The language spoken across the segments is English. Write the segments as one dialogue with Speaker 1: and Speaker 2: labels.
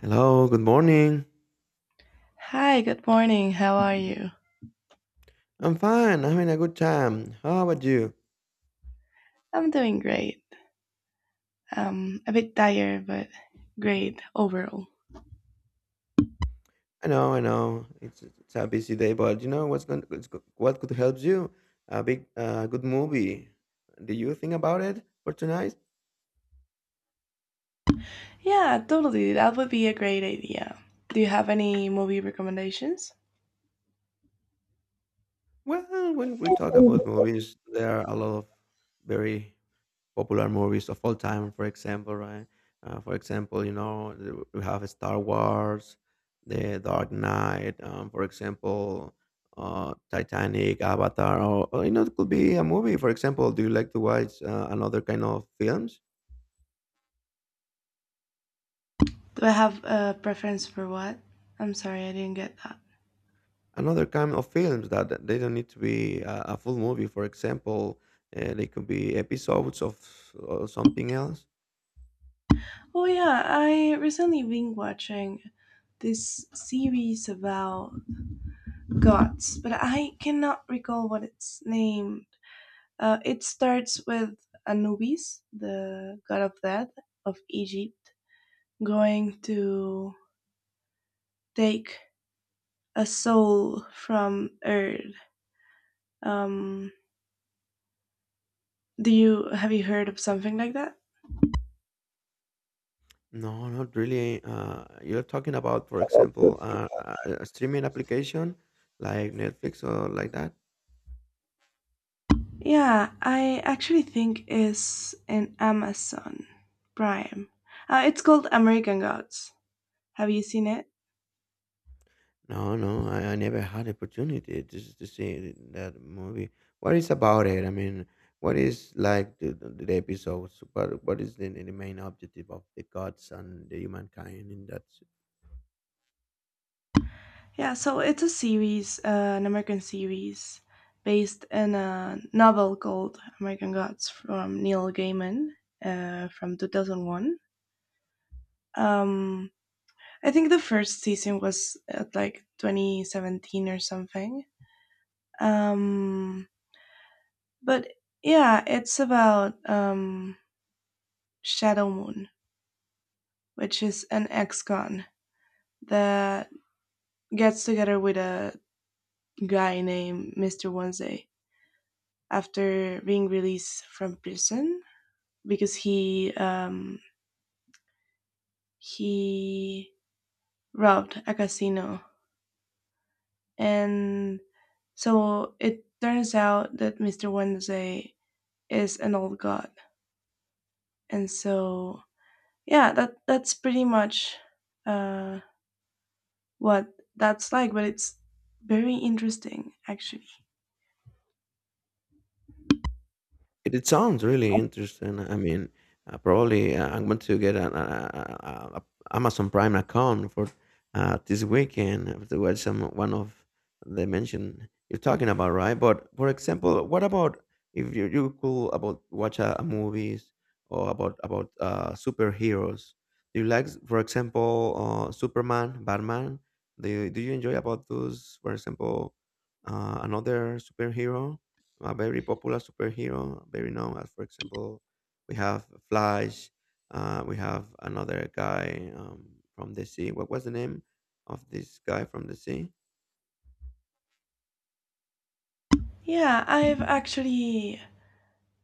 Speaker 1: Hello, good morning.
Speaker 2: Hi, good morning. How are you?
Speaker 1: I'm fine. I'm having a good time. How about you?
Speaker 2: I'm doing great. A bit tired, but great overall.
Speaker 1: I know, I know. It's a busy day, but you know what's going what could help you? A big good movie. Do you think about it for tonight?
Speaker 2: Yeah, totally. That would be a great idea. Do you have any movie recommendations?
Speaker 1: Well, when we talk about
Speaker 2: Do
Speaker 1: movies, there are a lot of very popular movies of all time, for example, right? For example, you know, we have Star Wars, The Dark Knight, for example, Titanic, Avatar, or, you know, it could be a movie. For example, do you like to watch another kind of films?
Speaker 2: I have a preference for what? I'm sorry, I didn't get that.
Speaker 1: Another kind of films that they don't need to be a full movie. For example, they could be episodes of something else.
Speaker 2: Oh yeah, I recently been watching this series about gods, but I cannot recall what it's named. It starts with Anubis, the god of death of Egypt going to take a soul from Earth. Um, do you have you heard of something like that?
Speaker 1: No, not really. You're talking about, for example, a streaming application like Netflix or like that?
Speaker 2: Yeah, I actually think is in Amazon Prime. It's called American Gods. Have you seen it?
Speaker 1: No, no, I never had opportunity to see that movie. What is about it? I mean, what is like the episodes? What is the main objective of the gods and the humankind in that.
Speaker 2: Yeah, so it's a series, an American series based in a novel called American Gods from Neil Gaiman from 2001. Um, I think the first season was at like 2017 or something. Um, but yeah, it's about Shadow Moon, which is an ex con that gets together with a guy named Mr. Wednesday after being released from prison because he robbed a casino, and so it turns out that Mr. Wednesday is an old god. And so, yeah, that's pretty much uh, what that's like. But it's very interesting, actually.
Speaker 1: It sounds really interesting. I mean, probably I'm going to get an a Amazon Prime account for this weekend to watch some one of the mention you're talking about, right? But for example, what about if you could about watch a movies or about about superheroes? Do you like, for example, Superman, Batman? Do you enjoy about those, for example, another superhero? A very popular superhero, very known as, for example, we have Flash. We have another guy from the sea. What was the name of this guy from the sea?
Speaker 2: Yeah,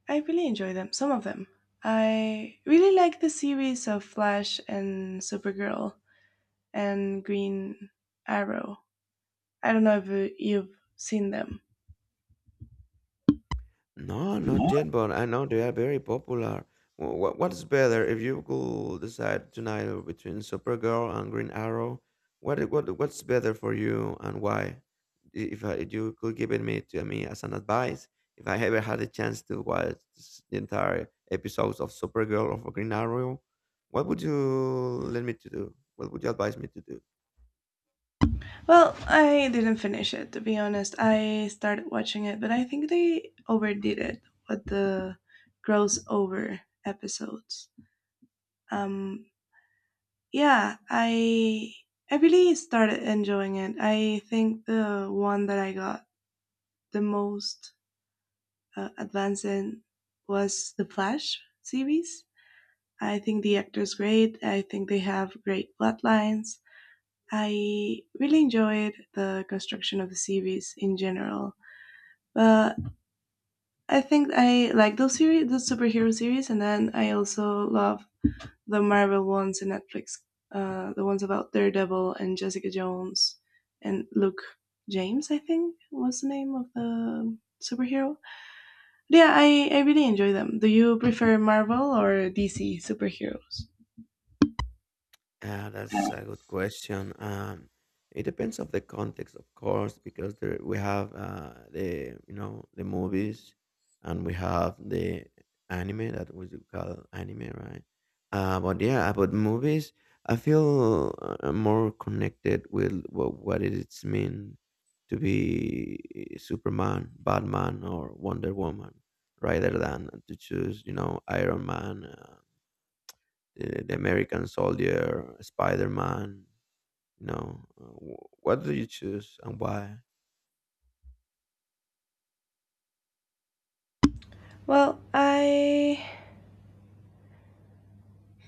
Speaker 2: I really enjoy them. Some of them. I really like the series of Flash and Supergirl and Green Arrow. I don't know if you've seen them.
Speaker 1: No, not yet, but I know they are very popular. What's better if you could decide tonight between Supergirl and Green Arrow? What's better for you and why? If you could give it me to me as an advice, if I ever had a chance to watch the entire episodes of Supergirl or of Green Arrow, what would you let me to do? What would you advise me to do?
Speaker 2: Well, I didn't finish it, to be honest. I started watching it, but I think they overdid it with the gross over episodes. Um yeah, I really started enjoying it. I think the one that I got the most advanced in was the Flash series. I think the actors great. I think they have great plotlines. I really enjoyed the construction of the series in general. But I think I like those series, those superhero series, and then I also love the Marvel ones in Netflix, the ones about Daredevil and Jessica Jones and Luke James. I think was the name of the superhero. But yeah, I really enjoy them. Do you prefer Marvel or DC superheroes?
Speaker 1: That's a good question. It depends of the context, of course, because there, we have the you know the movies, and we have the anime that we do call anime, right? But yeah, about movies, I feel more connected with what it is mean to be Superman, Batman, or Wonder Woman, rather than to choose you know Iron Man. The American Soldier, Spider Man. No, what do you choose and why?
Speaker 2: Well, I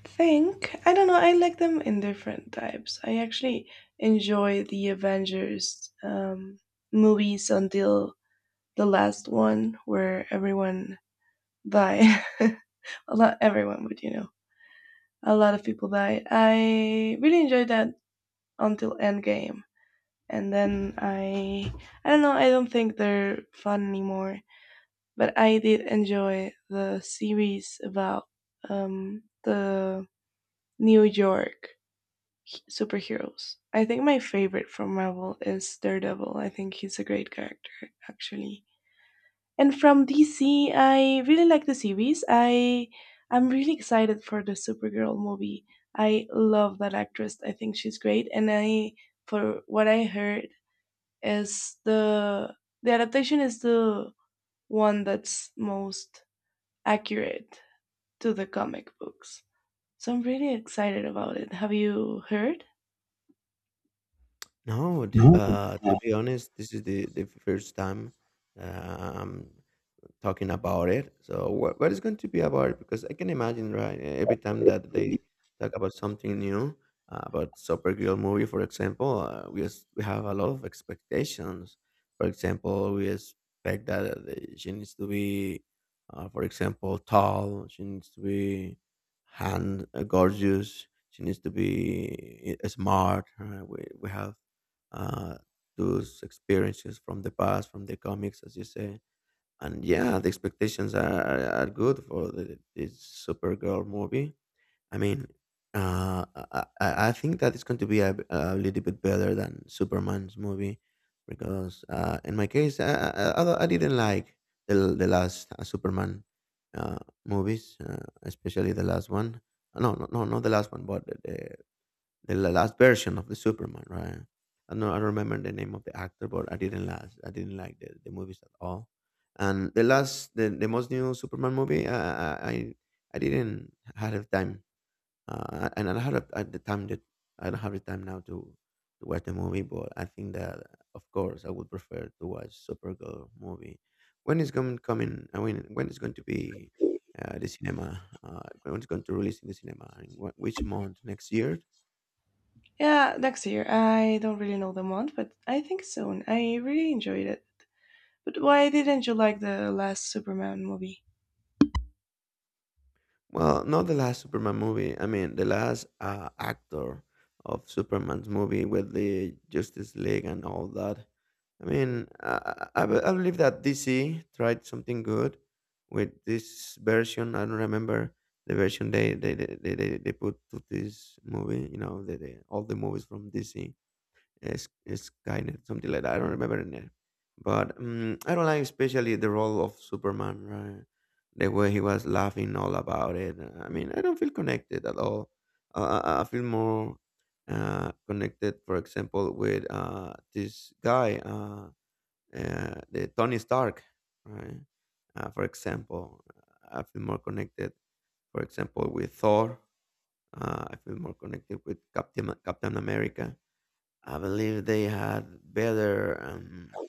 Speaker 2: think I don't know. I like them in different types. I actually enjoy the Avengers movies until the last one where everyone died. A lot, everyone, but you know, a lot of people died. I really enjoyed that until Endgame, and then I don't know, I don't think they're fun anymore. But I did enjoy the series about the New York superheroes. I think my favorite from Marvel is Daredevil. I think he's a great character, actually. And from DC, I really like the series. I'm really excited for the Supergirl movie. I love that actress. I think she's great. And I, for what I heard, is the adaptation is the one that's most accurate to the comic books. So I'm really excited about it. Have you heard?
Speaker 1: No, this,
Speaker 2: No.
Speaker 1: to be honest, this is the first time um, talking about it. So what is going to be about it? Because I can imagine, right? Every time that they talk about something new, about Supergirl movie, for example, we have a lot of expectations. For example, we expect that she needs to be, for example, tall. She needs to be hand gorgeous. She needs to be smart. We have uh, those experiences from the past, from the comics, as you say, and yeah, the expectations are, are good for this Supergirl movie. I mean, I think that it's going to be a little bit better than Superman's movie because in my case, I didn't like the last Superman uh, movies, especially the last one. No, not the last one, but the last version of the Superman, right? I don't remember the name of the actor, but I didn't last. I didn't like the movies at all. And the last, the most new Superman movie, I didn't had the time, and I had a, at the time that I don't have the time now to watch the movie. But I think that of course I would prefer to watch Supergirl movie. When is going coming? I mean, when is going to be the cinema? When it's going to release in the cinema? In which month? Next year?
Speaker 2: Yeah, next year. I don't really know the month, but I think soon. I really enjoyed it. But why didn't you like the last Superman movie?
Speaker 1: Well, not the last Superman movie. I mean, the last actor of Superman's movie with the Justice League and all that. I mean, I believe that DC tried something good with this version. I don't remember the version they put to this movie. You know, all the movies from DC. Skynet, something like that. I don't remember the name, but I don't like especially the role of Superman. Right, the way he was laughing all about it. I mean, I don't feel connected at all. I feel more connected, for example, with the Tony Stark. Right, for example, I feel more connected. For example, with Thor, I feel more connected with Captain America. I believe they had better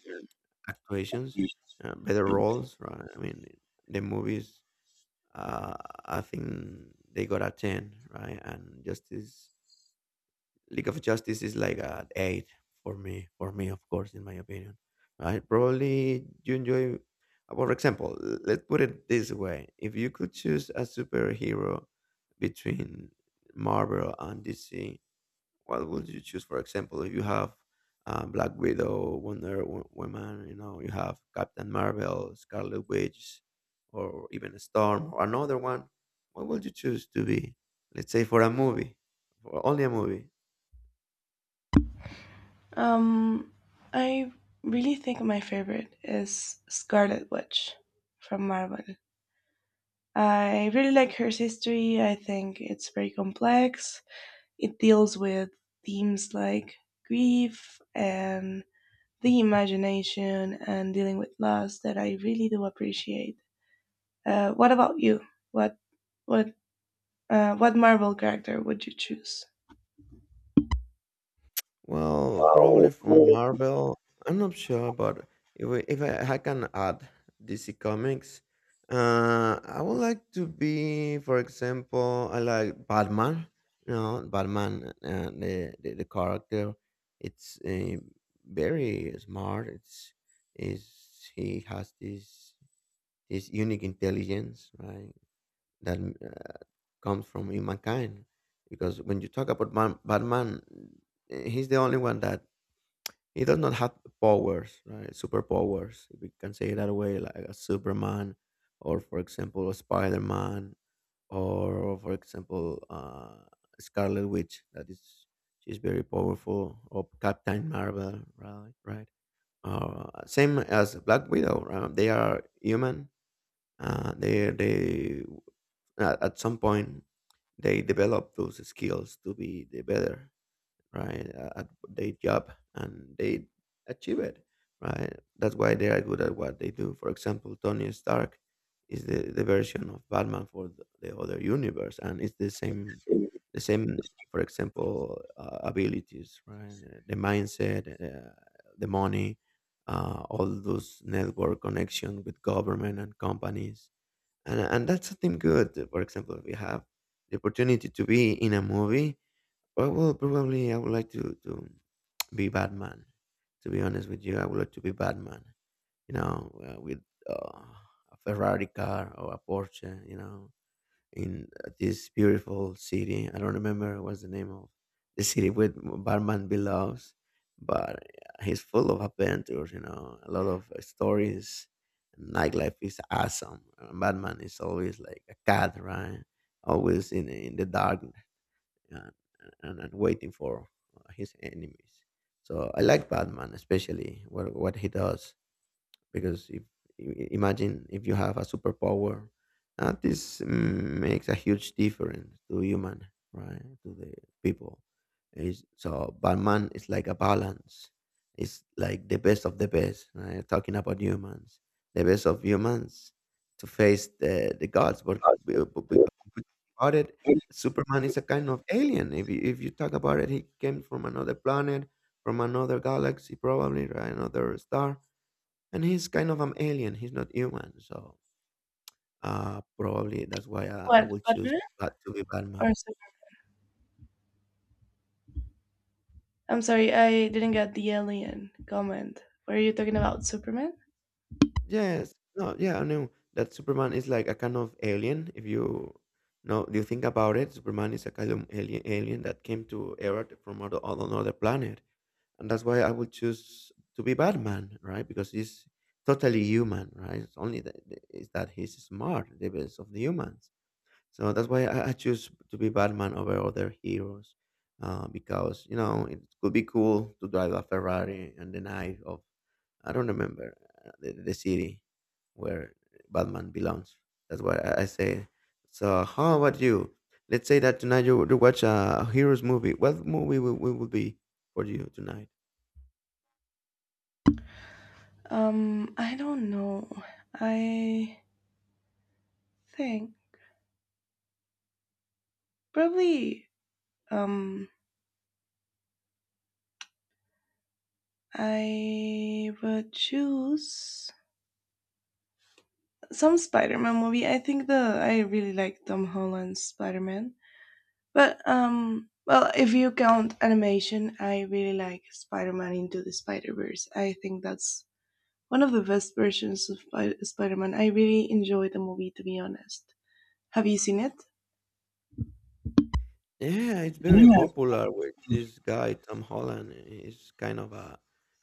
Speaker 1: actuations, better roles. Right? I mean, the movies. Uh, I think they got a ten, right? And Justice League of Justice is like an eight for me. For me, of course, in my opinion, right? Probably you enjoy. For example, let's put it this way: if you could choose a superhero between Marvel and DC, what would you choose? For example, if you have Black Widow, Woman, you know, you have Captain Marvel, Scarlet Witch, or even Storm, or another one. What would you choose to be? Let's say for a movie, for only a movie.
Speaker 2: Um, I really think my favorite is Scarlet Witch from Marvel. I really like her history. I think it's very complex. It deals with themes like grief and the imagination and dealing with loss that I really do appreciate. What about you? What what what Marvel character would you choose?
Speaker 1: Well, probably from Marvel. I'm not sure, but if I, I can add DC Comics, I would like to be, for example, I like Batman. You know, Batman, the character, it's very smart. It's is He has this unique intelligence, right? That comes from humankind, because when you talk about Batman, he's the only one that he does not have powers, right? Superpowers, if we can say it that way, like a Superman, or for example, a Spider Man, or for example, Scarlet Witch. That is, she's very powerful, or Captain Marvel, right? Right. Same as Black Widow. They are human. They at some point they develop those skills to be the better, right, at their job, and they achieve it, right? That's why they are good at what they do. For example, Tony Stark is the version of Batman for the other universe, and it's the same, the same, for example, abilities, right? The mindset, the money, all those network connection with government and companies, and that's something good. For example, we have the opportunity to be in a movie. Well, well, probably I would like to be Batman. To be honest with you, I would like to be Batman. You know, with a Ferrari car or a Porsche. You know, in this beautiful city. I don't remember what's the name of the city where Batman belongs, but he's full of adventures. You know, a lot of stories. Nightlife is awesome. Batman is always like a cat, right? Always in the dark, and, and waiting for his enemies. So I like Batman, especially what he does, because if imagine if you have a superpower, this makes a huge difference to human, right, to the people. Is so Batman is like a balance. It's like the best of the best, right? Talking about humans, the best of humans, to face the gods, but, but,
Speaker 2: What?
Speaker 1: because if you think about it, Superman is a kind of alien. If if you talk about it, he came from another planet, from another galaxy, probably, right, another star, and he's kind of an alien. He's not human, so probably that's why I would choose
Speaker 2: Batman.
Speaker 1: Bat to be
Speaker 2: Or
Speaker 1: Batman.
Speaker 2: Sup- I'm sorry, I didn't get the alien comment. Were you talking about Superman?
Speaker 1: Yes, no, yeah, I know that Superman is like a kind of alien. If you know, you think about it, Superman is a kind of alien, alien that came to Earth from other, on another planet, and that's why I would choose to be Batman, right? Because he's totally human, right? It's only that is that he's smart, the best of the humans. So that's why I choose to be Batman over other heroes, because you know it could be cool to drive a Ferrari on the night of I don't remember the city where Batman belongs. That's why I say. So how about you? Let's say that tonight would watch a heroes movie. What movie will be for you tonight?
Speaker 2: I don't know. I think probably um I would choose some Spider-Man movie. I think the I really like Tom Holland's Spider-Man. But well, if you count animation, I really like Spider-Man into the Spider-Verse. I think that's one of the best versions of Spider-Man. I really enjoyed the movie, to be honest. Have you seen it?
Speaker 1: Yeah, it's very
Speaker 2: Yeah.
Speaker 1: popular with this guy Tom Holland. He's kind of a,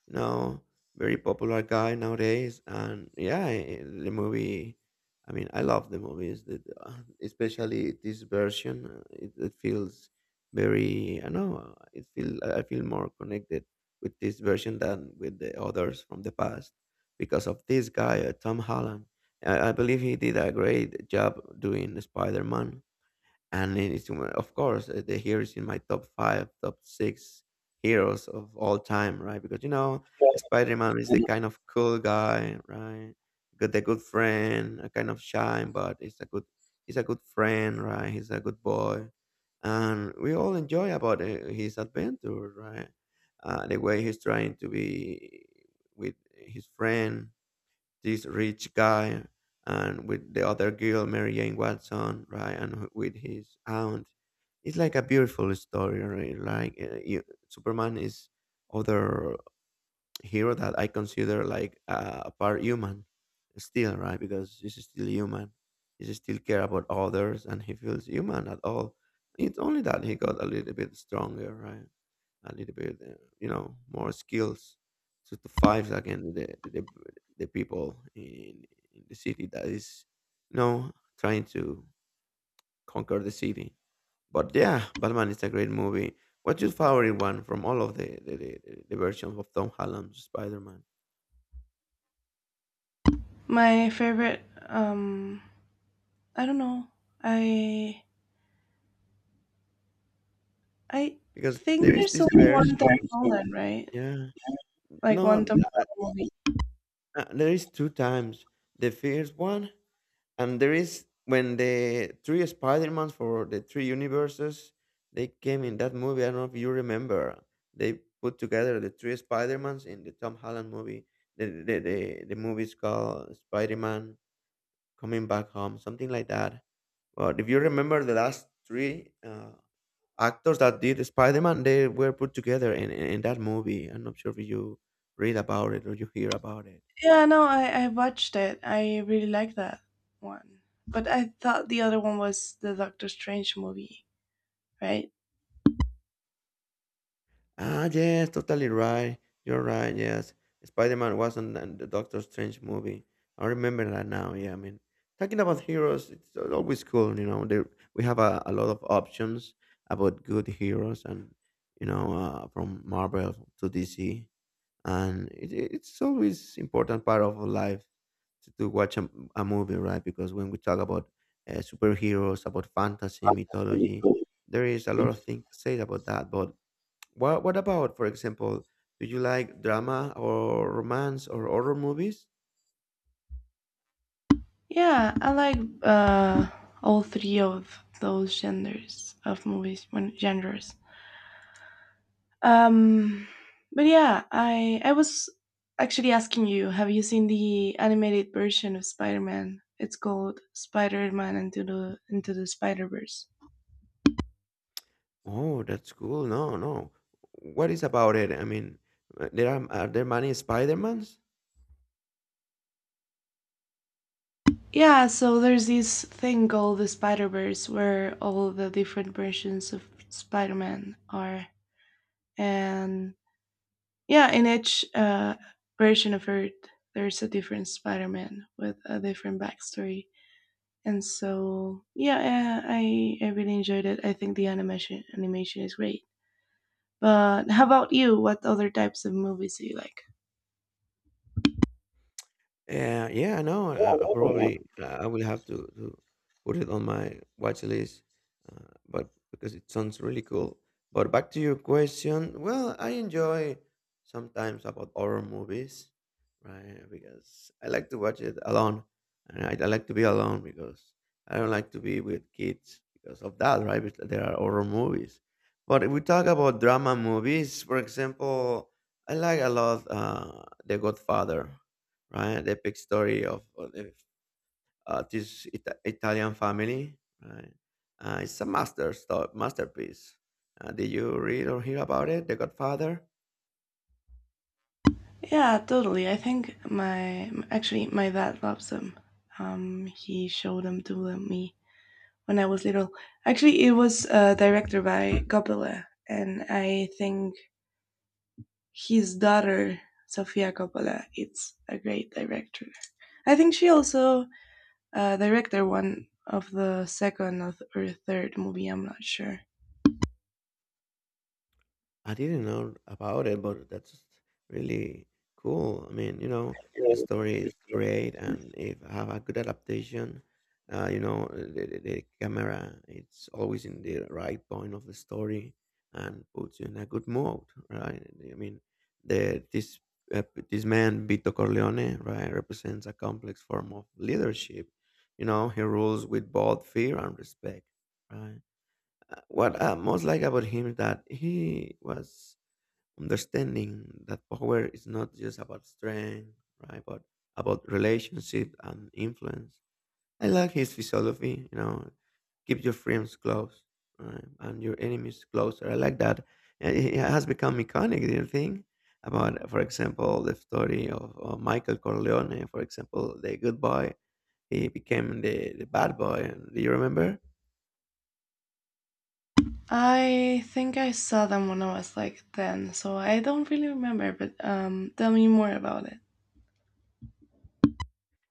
Speaker 1: you know, very popular guy nowadays. And yeah, the movie. I mean, I love the movies, especially this version. It feels very. I know. It feel. I feel more connected with this version than with the others from the past because of this guy, Tom Holland. I believe he did a great job doing Spider Man, and it is of course, the hero is in my top five, top six heroes of all time, right? Because you know, Spider-Man is the kind of cool guy, right? Good, the good friend, a kind of shy, but it's a good, he's a good friend, right? He's a good boy, and we all enjoy about his adventure, right? The way he's trying to be with his friend, this rich guy, and with the other girl, Mary Jane Watson, right, and with his aunt. It's like a beautiful story, right? Like Superman is other hero that I consider like a part human still, right? Because he's still human. He still care about others and he feels human at all. It's only that he got a little bit stronger, right? A little bit, more skills to fight against the the people in the city that is, you know, trying to conquer the city. But yeah, Batman is a great movie. What's your favorite one from all of the versions of Tom Holland's Spider Man?
Speaker 2: My favorite. Um, I don't know. I I
Speaker 1: Because
Speaker 2: think
Speaker 1: there is
Speaker 2: there's
Speaker 1: this
Speaker 2: only one Tom
Speaker 1: version,
Speaker 2: Holland, right?
Speaker 1: yeah.
Speaker 2: Like one
Speaker 1: No,
Speaker 2: Tom Holland movie.
Speaker 1: there is two times. The first one, and there is when the three Spider-Mans for the three universes, they came in that movie. I don't know if you remember. They put together the three Spider-Mans in the Tom Holland movie. The movie is called Spider-Man Coming Back Home, something like that. But if you remember the last three actors that did Spider-Man, they were put together in that movie. I'm not sure if you read about it or you hear about it.
Speaker 2: Yeah, no, I watched it. I really like that one, but I thought the other one was the Doctor Strange movie, right?
Speaker 1: Ah, yes, totally right. You're right. Yes, Spider-Man was on the Doctor Strange movie. I remember that now. Yeah, I mean, talking about heroes, it's always cool. You know, there we have a lot of options about good heroes, and you know, from Marvel to DC, and it's always important part of our life to watch a movie, right? Because when we talk about superheroes, about fantasy mythology, there is a lot of things to say about that, but what about, for example, do you like drama or romance or horror movies?
Speaker 2: Yeah, I like all three of those genders of movies, when genres. Um, but yeah, I was actually asking you, have you seen the animated version of Spider Man? It's called Spider Man into the Spider Verse.
Speaker 1: Oh, that's cool. No, no. What is about it? I mean, there are there many Spider-Mans?
Speaker 2: Yeah, so there's this thing called the Spider Verse where all the different versions of Spider Man are, and yeah, in each version of Earth, there's a different Spider-Man with a different backstory, and so yeah, I really enjoyed it. I think the animation is great. But how about you? What other types of movies do you like?
Speaker 1: Yeah, I know.
Speaker 2: Yeah,
Speaker 1: I
Speaker 2: no, yeah.
Speaker 1: probably I will have to put it on my watch list, but because it sounds really cool. But back to your question, well, I enjoy sometimes about horror movies, right? Because I like to watch it alone, and I like to be alone because I don't like to be with kids because of that, right? Because there are horror movies. But if we talk about drama movies, for example, I like a lot The Godfather, right? The epic story of this Italian family, right? It's a masterpiece. Did you read or hear about it, The Godfather?
Speaker 2: Yeah, totally. I think my actually my dad loves them. He showed them to me when I was little. Actually, it was directed by Coppola, and I think his daughter Sofia Coppola is a great director. I think she also directed one of the second, or third movie. I'm not sure.
Speaker 1: I didn't know about it, but that's really cool. I mean, you know, the story is great, and if I have a good adaptation, you know, the camera it's always in the right point of the story, and puts you in a good mood, right? I mean, the this uh, this man Vito Corleone, right, represents a complex form of leadership. You know, he rules with both fear and respect, right? What I most like about him is that he was understanding that power is not just about strength, right, but about relationship and influence. I like his philosophy, you know, keep your friends close, right, and your enemies closer. I like that. And it has become iconic, do you think? About, for example, the story of Michael Corleone, for example, the good boy, he became the bad boy. Do you remember?
Speaker 2: I think I saw them when I was like 10, so I don't really remember, but tell me more about it.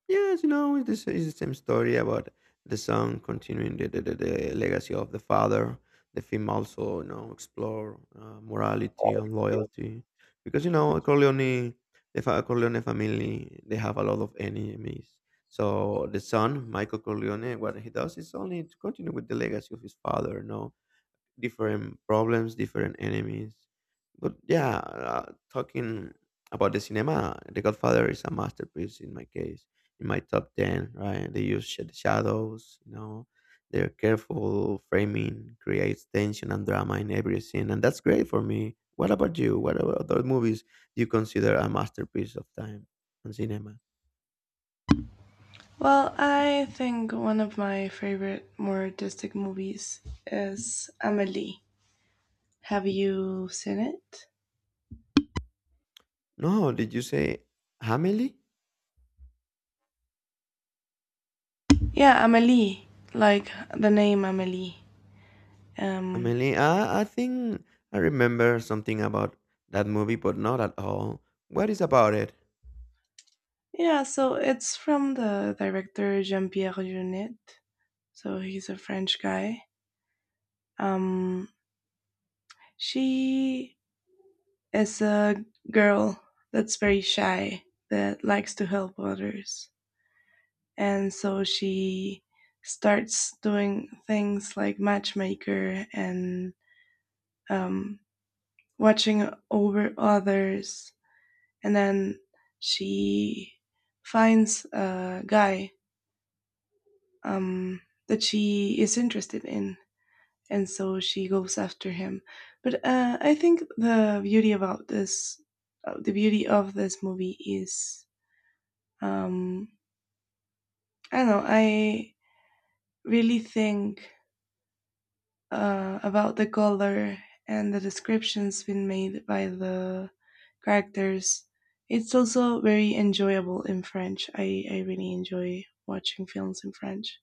Speaker 1: Yes, you know, it's the same story about the son continuing the legacy of the father. The film also, you know, explore morality and
Speaker 2: Yeah.
Speaker 1: loyalty because you know Corleone, Corleone family, they have a lot of enemies. So the son, Michael Corleone, what he does is only to continue with the legacy of his father. No, different problems, different enemies. But yeah, talking about the cinema, The Godfather is a masterpiece in my case, in my top 10, right? They use shadows, you know, their careful framing creates tension and drama in every scene, and that's great for me. What about you? What about other movies do you consider a masterpiece of time and cinema?
Speaker 2: Well, I think one of my favorite more artistic movies is Amelie. Have you seen it?
Speaker 1: No, did you say Hamily?
Speaker 2: Yeah, Amelie, like the name Amelie. Um,
Speaker 1: Amelie, I think I remember something about that movie, but not at all. What is about it?
Speaker 2: yeah, so it's from the director Jean Pierre Jeunet. So he's a French guy. Um, she is a girl that's very shy, that likes to help others. And so she starts doing things like matchmaker and um, watching over others. And then she finds a guy um, that she is interested in, and so she goes after him. But I think the beauty about this, the beauty of this movie is, um, I don't know, I really think about the color and the descriptions being made by the characters. It's also very enjoyable in French. I really enjoy watching films in French.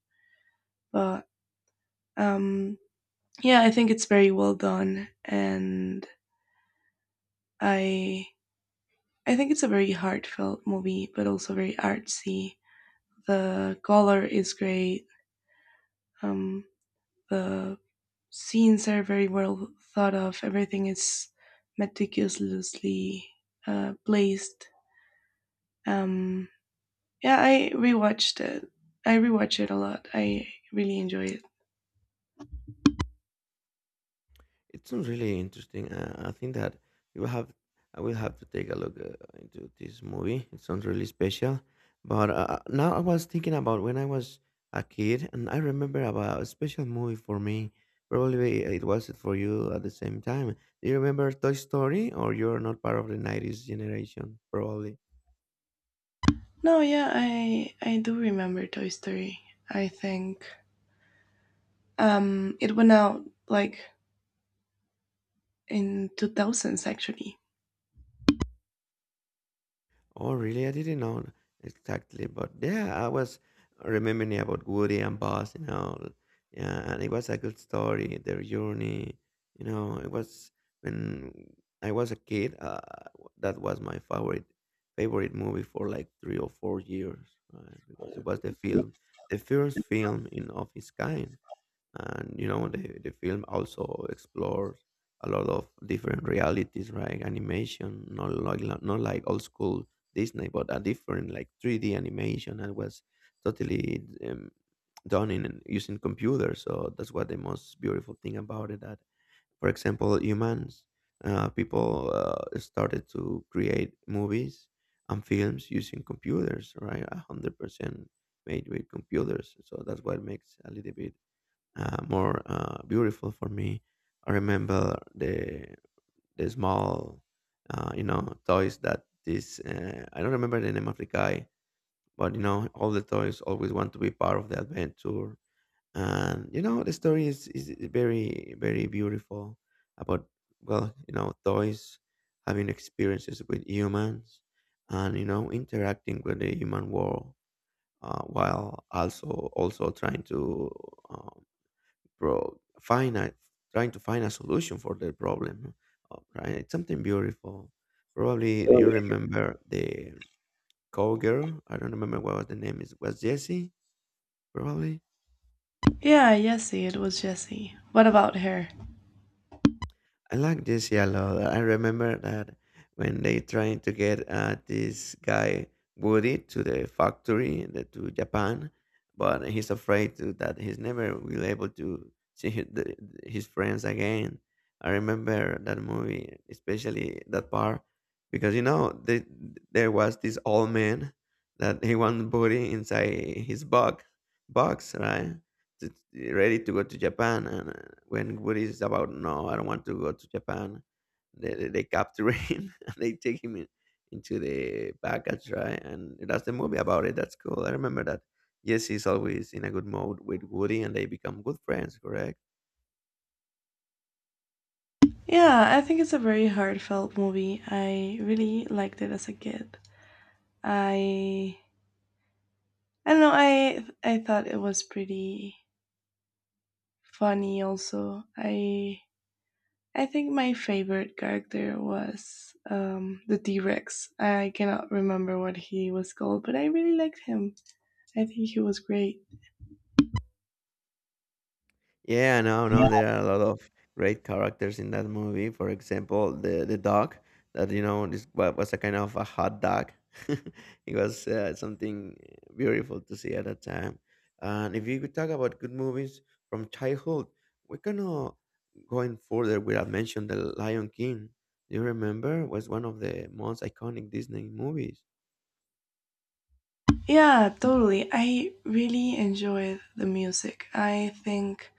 Speaker 2: But um, yeah, I think it's very well done, and I I think it's a very heartfelt movie, but also very artsy. The color is great. Um, the scenes are very well thought of. Everything is meticulously placed. Um, yeah, I rewatch it a lot. I really enjoy it.
Speaker 1: It sounds really interesting. I think that you will have, I will have to take a look into this movie. It sounds really special. But now I was thinking about when I was a kid, and I remember about a special movie for me. Probably it was it for you at the same time. Do you remember Toy Story, or you're not part of the '90s generation? Probably.
Speaker 2: No, yeah, I do remember Toy Story. I think it went out like in 2000s actually.
Speaker 1: Oh, really? I didn't know exactly, but yeah, I was remembering about Woody and Buzz and all. Yeah, and it was a good story, their journey. You know, it was when I was a kid. That was my favorite movie for like 3 or 4 years, right? Because it was the film, the first film in of its kind, and you know the film also explores a lot of different realities, right? Animation, not like old school Disney, but a different like 3D animation, and was totally done in using computers, so that's what the most beautiful thing about it, that for example humans, people started to create movies and films using computers, right? 100% made with computers, so that's what makes a little bit more beautiful for me. I remember the small, you know, toys that this I don't remember the name of the guy, but you know, all the toys always want to be part of the adventure, and you know, the story is very very beautiful about, well, you know, toys having experiences with humans and you know interacting with the human world while also trying to uh, pro trying to find a solution for their problem, right? It's something beautiful. Probably
Speaker 2: Oh,
Speaker 1: you remember the cowgirl, I don't remember what was the name is, was Jesse probably.
Speaker 2: yeah, Jessie, it was Jessie. What about her?
Speaker 1: I like this yellow. I remember that when they trying to get this guy Woody to to Japan, but he's afraid to, that he's never will able to see his, his friends again. I remember that movie, especially that part, because you know there was this old man that he want Woody inside his box, right? t- Ready to go to Japan. And when Woody is about, no, I don't want to go to Japan, they capture him and they take him in, into the package, right? And that's the movie about it. That's cool. I remember that. Jesse's always in a good mode with Woody and they become good friends, correct?
Speaker 2: Yeah, I think it's a very heartfelt movie. I really liked it as a kid. I I don't know, I thought it was pretty funny also. I think my favorite character was the T-Rex. I cannot remember what he was called, but I really liked him. I think he was great.
Speaker 1: Yeah, no, no, there are a lot of great characters in that movie. For example, the dog, that you know was a kind of a hot dog. It was something beautiful to see at that time. And if you could talk about good movies from childhood, we're gonna going further without mention the Lion King. You remember was one of the most iconic Disney movies.
Speaker 2: Yeah, totally. I really enjoyed the music. I think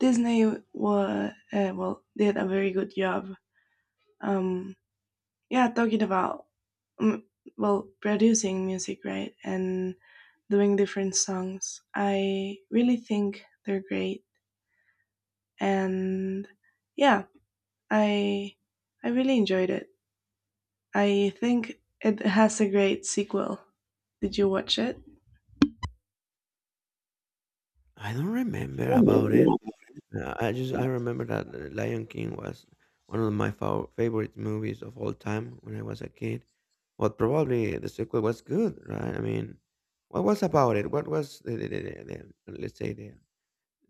Speaker 2: Disney were well did a very good job. Um, yeah, talking about um, well producing music, right, and doing different songs. I really think they're great, and yeah, I I really enjoyed it. I think it has a great sequel. Did you watch it?
Speaker 1: I don't remember about it. Yeah, I remember that The Lion King was one of my favorite movies of all time when I was a kid. But probably the sequel was good, right? I mean, what was about it? What was the let's say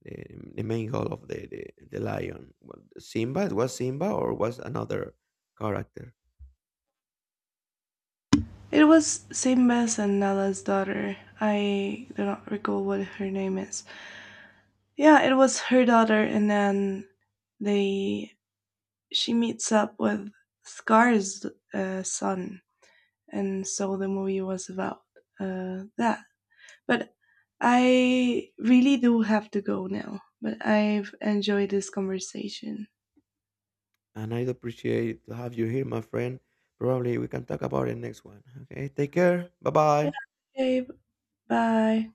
Speaker 1: the the main goal of the lion? Simba? It was Simba or was another character?
Speaker 2: It was Saint Bess and Nala's daughter. I do not recall what her name is. Yeah, it was her daughter, and then they she meets up with Scar's son, and so the movie was about that. But I really do have to go now. But I've enjoyed this conversation.
Speaker 1: And I'd appreciate to have you here, my friend. Probably we can talk about it next one. Okay, take care. Bye
Speaker 2: Yeah,
Speaker 1: bye.
Speaker 2: babe. Bye.